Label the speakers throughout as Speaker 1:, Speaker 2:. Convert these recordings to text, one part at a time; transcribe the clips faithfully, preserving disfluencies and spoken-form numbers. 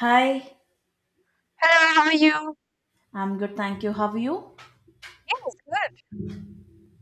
Speaker 1: Hi,
Speaker 2: Hello, how are you?
Speaker 1: I'm good, thank you. How are you?
Speaker 2: Yes, good.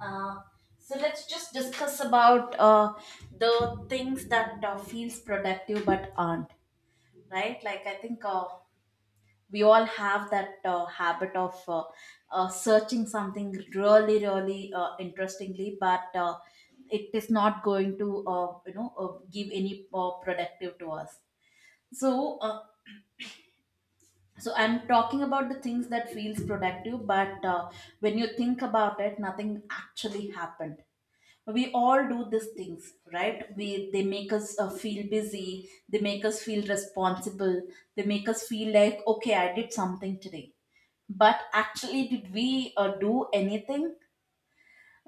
Speaker 1: Uh, so let's just discuss about uh, the things that uh, feels productive but aren't, right? Like I think uh, we all have that uh, habit of uh, uh, searching something really, really uh, interestingly, but uh, it is not going to, uh, you know, uh, give any uh, productive to us. So uh, so I'm talking about the things that feels productive but uh, when you think about it, nothing actually happened. We all do these things, right? We they make us uh, feel busy, they make us feel responsible, they make us feel like, okay, I did something today. But actually, did we uh, do anything?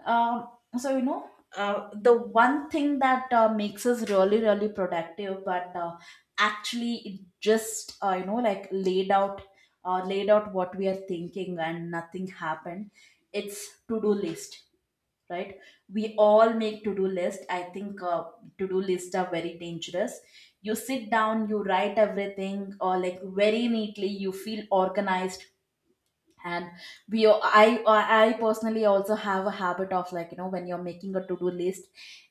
Speaker 1: um, so you know, uh, the one thing that uh, makes us really, really productive, but uh, actually it just uh, you know like laid out, uh, laid out what we are thinking, and nothing happened. It's to do list, right? We all make to do list. I think uh, to do lists are very dangerous. You sit down, you write everything, or like very neatly. You feel organized, and we I I personally also have a habit of, like, you know, when you're making a to-do list,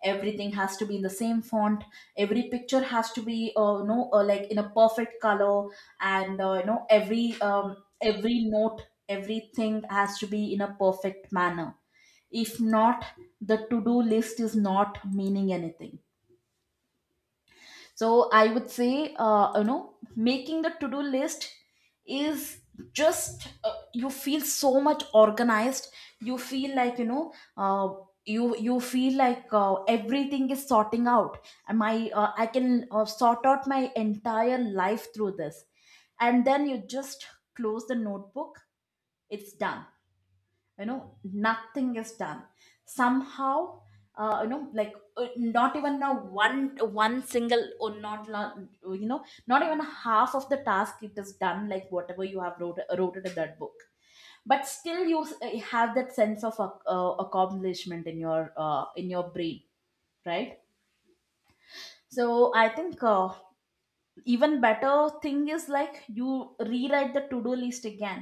Speaker 1: everything has to be in the same font, every picture has to be, uh, you know uh, like, in a perfect color, and uh, you know, every um, every note, everything has to be in a perfect manner. If not, the to-do list is not meaning anything. So I would say, uh, you know, making the to do list is just uh, you feel so much organized. You feel like, you know, uh, you you feel like uh, everything is sorting out. And my uh, I can uh, sort out my entire life through this, and then you just close the notebook. It's done. You know, nothing is done somehow. Uh, you know like, uh, not even a one one single, or not la- you know, not even half of the task it is done, like whatever you have wrote, wrote it in that book. But still you s- uh, have that sense of ac- uh, accomplishment in your uh, in your brain, right? So I think uh, even better thing is like you rewrite the to-do list again.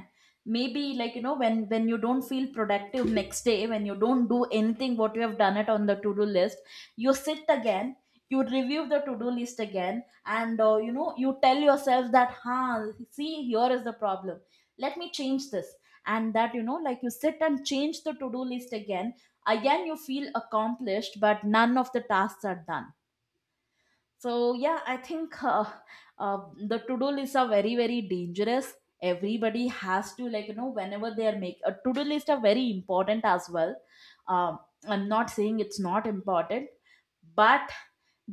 Speaker 1: Maybe like, you know, when when you don't feel productive next day, when you don't do anything what you have done it on the to-do list, you sit again, you review the to-do list again, and uh, you know, you tell yourself that, huh, see, here is the problem, let me change this. And that, you know, like, you sit and change the to-do list again. Again you feel accomplished, but none of the tasks are done. So yeah, I think uh, uh, the to-do lists are very very dangerous. Everybody has to, like, you know, whenever they are make a to-do list, are very important as well. Um, I'm not saying it's not important, but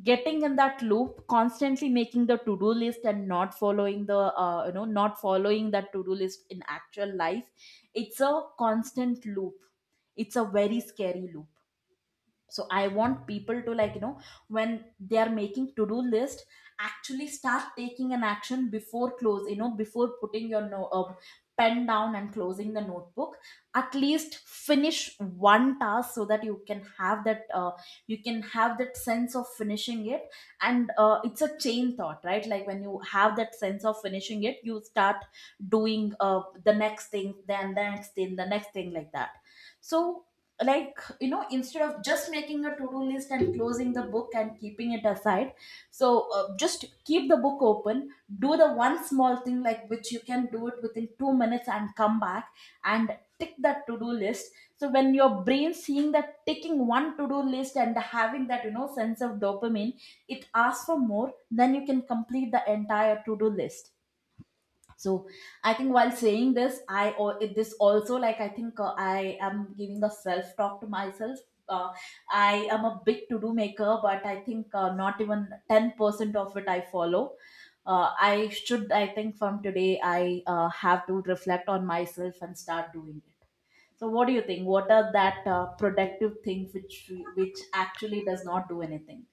Speaker 1: getting in that loop, constantly making the to-do list and not following the uh, you know, not following that to-do list in actual life, it's a constant loop. It's a very scary loop. So I want people to, like, you know, when they are making to do list, actually start taking an action before close, you know, before putting your no, uh, pen down and closing the notebook, at least finish one task, so that you can have that uh, you can have that sense of finishing it. And uh, it's a chain thought, right? Like, when you have that sense of finishing it, you start doing uh, the next thing, then the next thing, the next thing, like that. So, like, you know, instead of just making a to-do list and closing the book and keeping it aside, so uh, just keep the book open, do the one small thing, like, which you can do it within two minutes and come back and tick that to-do list. So when your brain seeing that ticking one to-do list and having that, you know, sense of dopamine, it asks for more, then you can complete the entire to-do list. So I think while saying this I or this also, like, I think uh, I am giving a self talk to myself. Uh, i am a big to do maker, but I think uh, not even ten percent of it I follow. uh, i should I think from today I uh, have to reflect on myself and start doing it. So what do you think, what are that uh, productive thing which which actually does not do anything?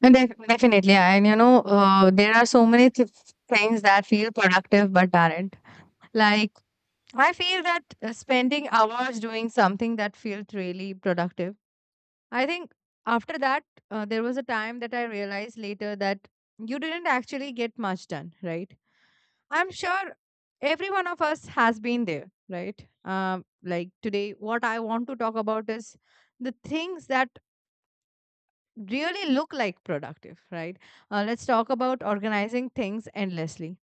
Speaker 2: No, def- definitely. And you know, uh, there are so many th- things that feel productive but aren't. Like, I feel that uh, spending hours doing something that feels really productive. I think after that, uh, there was a time that I realized later that you didn't actually get much done, right? I'm sure every one of us has been there, right? Um, like today, what I want to talk about is the things that really look like productive, right? Uh, let's talk about organizing things endlessly.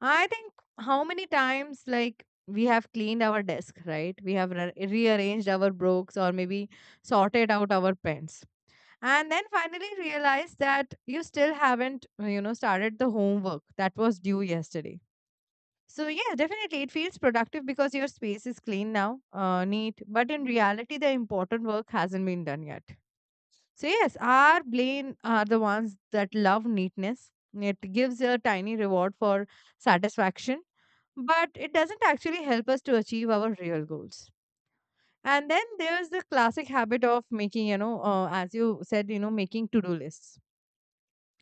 Speaker 2: I think how many times, like, we have cleaned our desk, right? We have re- rearranged our books, or maybe sorted out our pens. And then finally realize that you still haven't, uh, you know, started the homework that was due yesterday. So, yeah, definitely it feels productive because your space is clean now, uh, neat. But in reality, the important work hasn't been done yet. So, yes, our brain are the ones that love neatness. It gives a tiny reward for satisfaction, but it doesn't actually help us to achieve our real goals. And then there's the classic habit of making, you know, uh, as you said, you know, making to do lists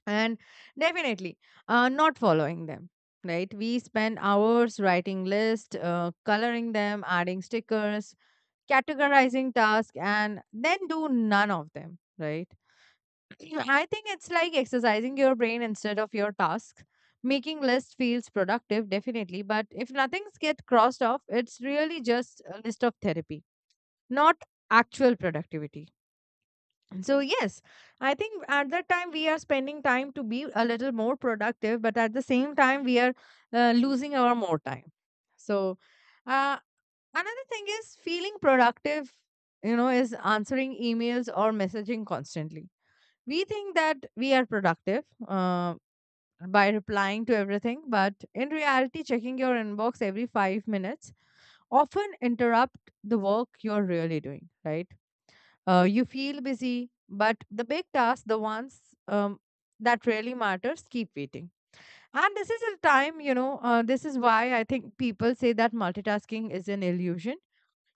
Speaker 2: and definitely uh, not following them, right? We spend hours writing lists, uh, coloring them, adding stickers, categorizing tasks, and then do none of them, right? I think it's like exercising your brain instead of your task. Making list feels productive, definitely, but if nothing's get crossed off, it's really just a list of therapy, not actual productivity. So yes, I think at that time we are spending time to be a little more productive, but at the same time we are uh, losing our more time. So uh, another thing is feeling productive, you know, is answering emails or messaging constantly. We think that we are productive uh, by replying to everything, but in reality, checking your inbox every five minutes often interrupt the work you're really doing. Right? Uh, you feel busy, but the big tasks, the ones um, that really matters, keep waiting. And this is a time, you know, uh, this is why I think people say that multitasking is an illusion.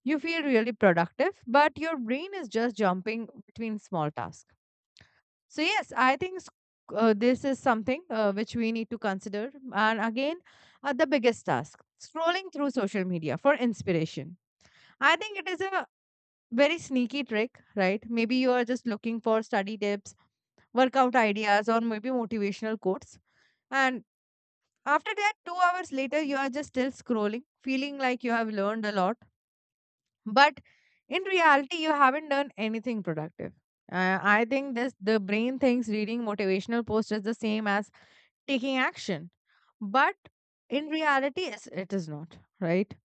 Speaker 2: You feel really productive, but your brain is just jumping between small tasks. So yes, I think sc- uh, this is something uh, which we need to consider. And again, uh, the biggest task: scrolling through social media for inspiration. I think it is a very sneaky trick, right? Maybe you are just looking for study tips, workout ideas, or maybe motivational quotes. And after that, two hours later, you are just still scrolling, feeling like you have learned a lot, but in reality you haven't done anything productive. Uh, i think this the brain thinks reading motivational posts is the same as taking action, but in reality it's- it is not, right?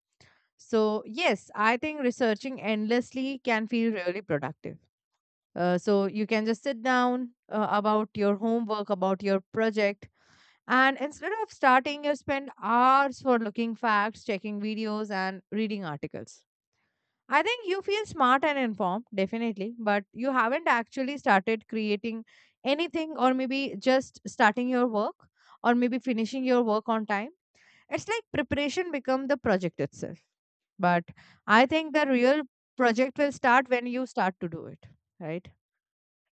Speaker 2: So yes, I think researching endlessly can feel really productive. Uh, so you can just sit down uh, about your homework, about your project, and instead of starting you spend hours for looking facts, checking videos, and reading articles. I think you feel smart and informed, definitely, but you haven't actually started creating anything, or maybe just starting your work, or maybe finishing your work on time. It's like preparation become the project itself. But I think the real project will start when you start to do it, right?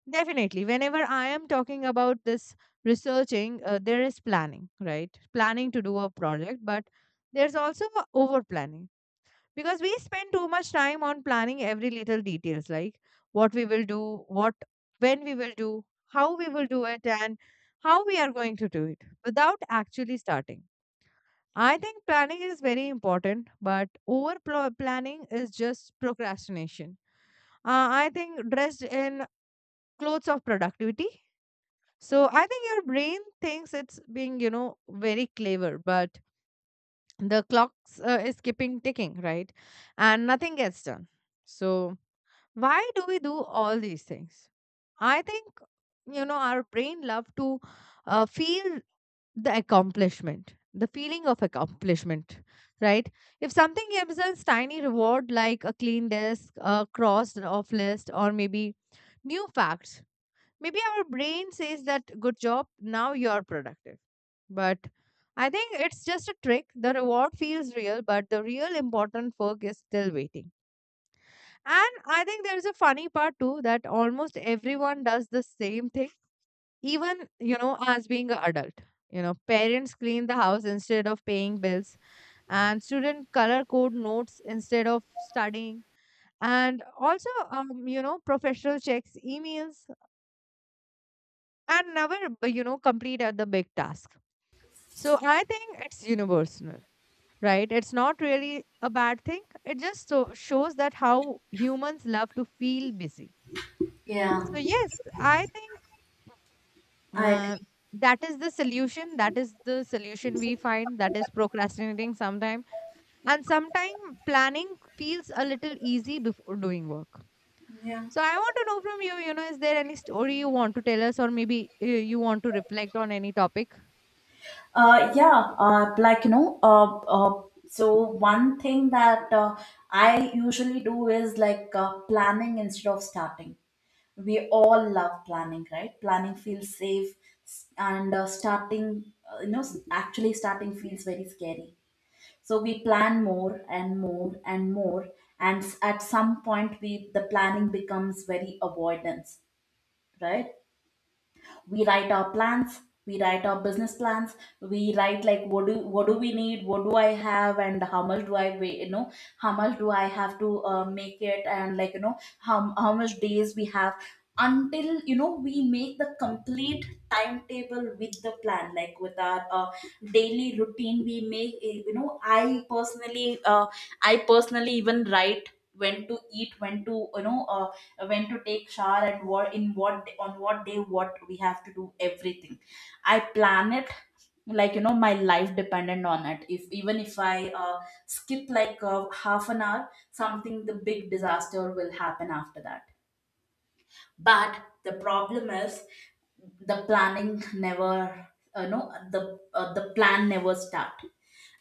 Speaker 2: Definitely. Whenever I am talking about this researching, uh, there is planning, right? Planning to do a project, but there's also over planning, because we spend too much time on planning every little details, like what we will do, what, when we will do, how we will do it, and how we are going to do it without actually starting. I think planning is very important, but over pl- planning is just procrastination, uh, i think, dressed in clothes of productivity. So I think your brain thinks it's being, you know, very clever, but the clocks uh, is keeping ticking, right, and nothing gets done. So why do we do all these things? I think, you know, our brain love to uh, feel the accomplishment, the feeling of accomplishment, right? If something gives us tiny reward, like a clean desk, a crossed off list, or maybe new facts, maybe our brain says that good job, now you're productive. But I think it's just a trick. The reward feels real, but the real important work is still waiting. And I think there's a funny part too, that almost everyone does the same thing, even, you know, as being an adult. You know, parents clean the house instead of paying bills, and student color code notes instead of studying. And also, um, you know, professional checks, emails, and never, b- you know, complete at the big task. So I think it's universal, right? It's not really a bad thing. It just so shows that how humans love to feel busy.
Speaker 1: Yeah.
Speaker 2: So yes, I think uh, that is the solution, that is the solution we find, that is procrastinating sometime, and sometime planning feels a little easy before doing work.
Speaker 1: Yeah.
Speaker 2: So I want to know from you, you know, is there any story you want to tell us, or maybe uh, you want to reflect on any topic?
Speaker 1: Uh, yeah, uh, like, you know, uh, uh, so one thing that uh, I usually do is like uh, planning instead of starting. We all love planning, right? Planning feels safe, s- and uh, starting, uh, you know, s- actually starting feels very scary. So we plan more and more and more, and s- at some point, we the planning becomes very avoidance, right? We write our plans, we write our business plans, we write like what do what do we need, what do I have, and how much do I weigh, you know, how much do I have to uh, make it, and, like, you know, how, how much days we have until, you know, we make the complete timetable with the plan, like with our uh, daily routine we make eh, you know. I personally uh, i personally even write when to eat, when to, you know, uh, when to take shower, and what in what day- on what day what we have to do, everything I plan it like, you know, my life dependent on it. If even if I uh, skip like uh, half an hour something, the big disaster will happen after that. But the problem is, the planning never, you know, the uh, the plan never start.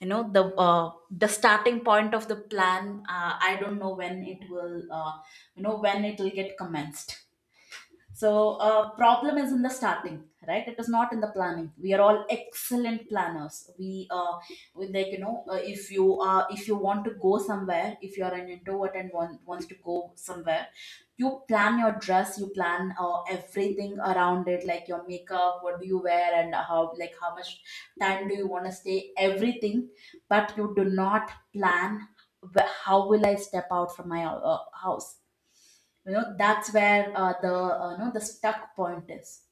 Speaker 1: You know, the uh, the starting point of the plan, uh, I don't know when it will uh, you know, when it will get commenced. So uh, problem is in the starting, right? It is not in the planning. We are all excellent planners. We uh, we like, you know, uh, if you are, if you want to go somewhere, if you are an introvert and want, wants to go somewhere, you plan your dress, you plan uh, everything around it, like your makeup, what do you wear, and how like, how much time do you want to stay, everything. But you do not plan wh- how will I step out from my uh, house. You know, that's where uh, the uh, you know, the stuck point is.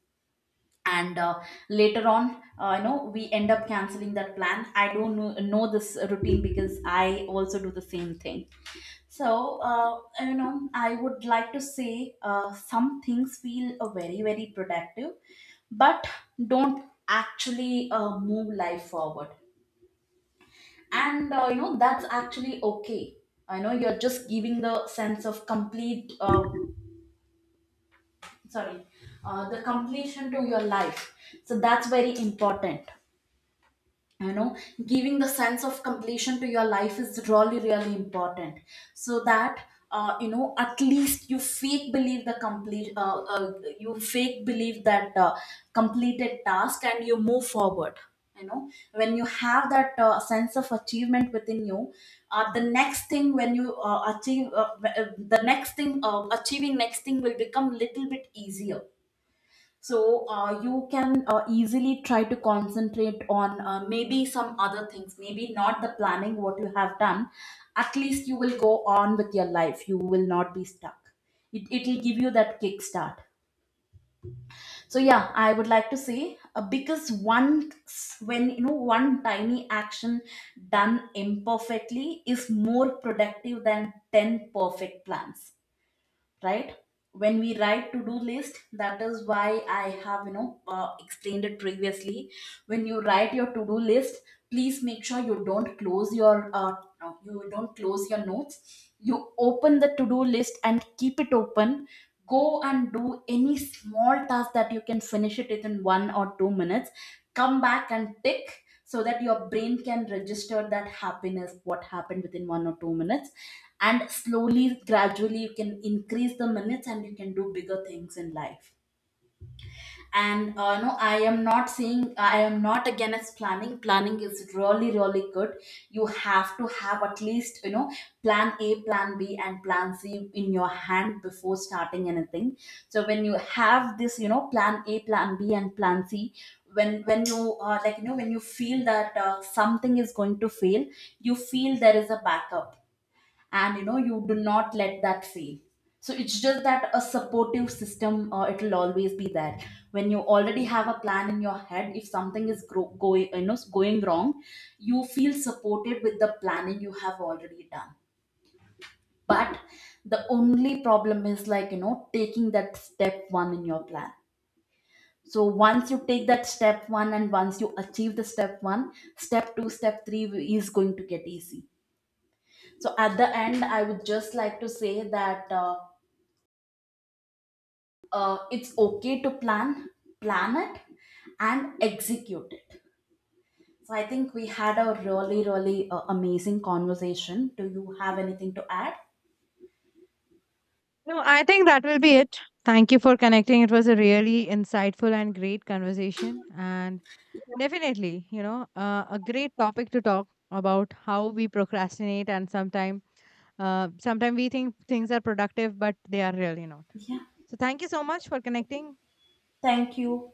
Speaker 1: And uh, later on, uh, you know, we end up canceling that plan. I don't know, know this routine, because I also do the same thing. So uh, you know, I would like to say uh, some things feel uh, very very productive, but don't actually uh, move life forward. And uh, you know, that's actually okay. I know, you're just giving the sense of complete uh, sorry, uh, the completion to your life. So that's very important. You know, giving the sense of completion to your life is really really important. So that uh, you know, at least you fake believe the complete uh, uh, you fake believe that uh, completed task and you move forward. You know, when you have that uh, sense of achievement within you, uh, the next thing when you uh, achieve uh, w- uh, the next thing, uh, achieving next thing will become little bit easier. So uh, you can uh, easily try to concentrate on uh, maybe some other things, maybe not the planning what you have done. At least you will go on with your life, you will not be stuck. It it will give you that kickstart. So yeah, I would like to say uh, because one s- when, you know, one tiny action done imperfectly is more productive than ten perfect plans, right? When we write to do list, that is why I have, you know, uh, explained it previously. When you write your to do list, please make sure you don't close your uh, no, you don't close your notes, you open the to do list and keep it open. Go and do any small task that you can finish it within one or two minutes, come back and tick, so that your brain can register that happiness what happened within one or two minutes. And slowly gradually you can increase the minutes and you can do bigger things in life. And uh, no, I am not saying, I am not against planning. Planning is really really good. You have to have at least, you know, plan a, plan b, and plan c in your hand before starting anything. So when you have this, you know, plan a, plan b, and plan c, when when you uh, like, you know, when you feel that uh, something is going to fail, you feel there is a backup, and you know, you do not let that fail. So it's just that a supportive system, uh, it'll always be there. When you already have a plan in your head, if something is gro- going, you know, going wrong, you feel supported with the planning you have already done. But the only problem is, like, you know, taking that step one in your plan. So once you take that step one, and once you achieve the step one, step two, step three is going to get easy. So at the end, I would just like to say that uh, uh, it's okay to plan, plan it, and execute it. So I think we had a really really uh, amazing conversation. Do you have anything to add?
Speaker 2: No, I think that will be it. Thank you for connecting, it was a really insightful and great conversation. And definitely, you know uh, a great topic to talk about how we procrastinate, and sometimes, uh, sometimes we think things are productive, but they are really not.
Speaker 1: Yeah,
Speaker 2: So, thank you so much for connecting.
Speaker 1: thank you.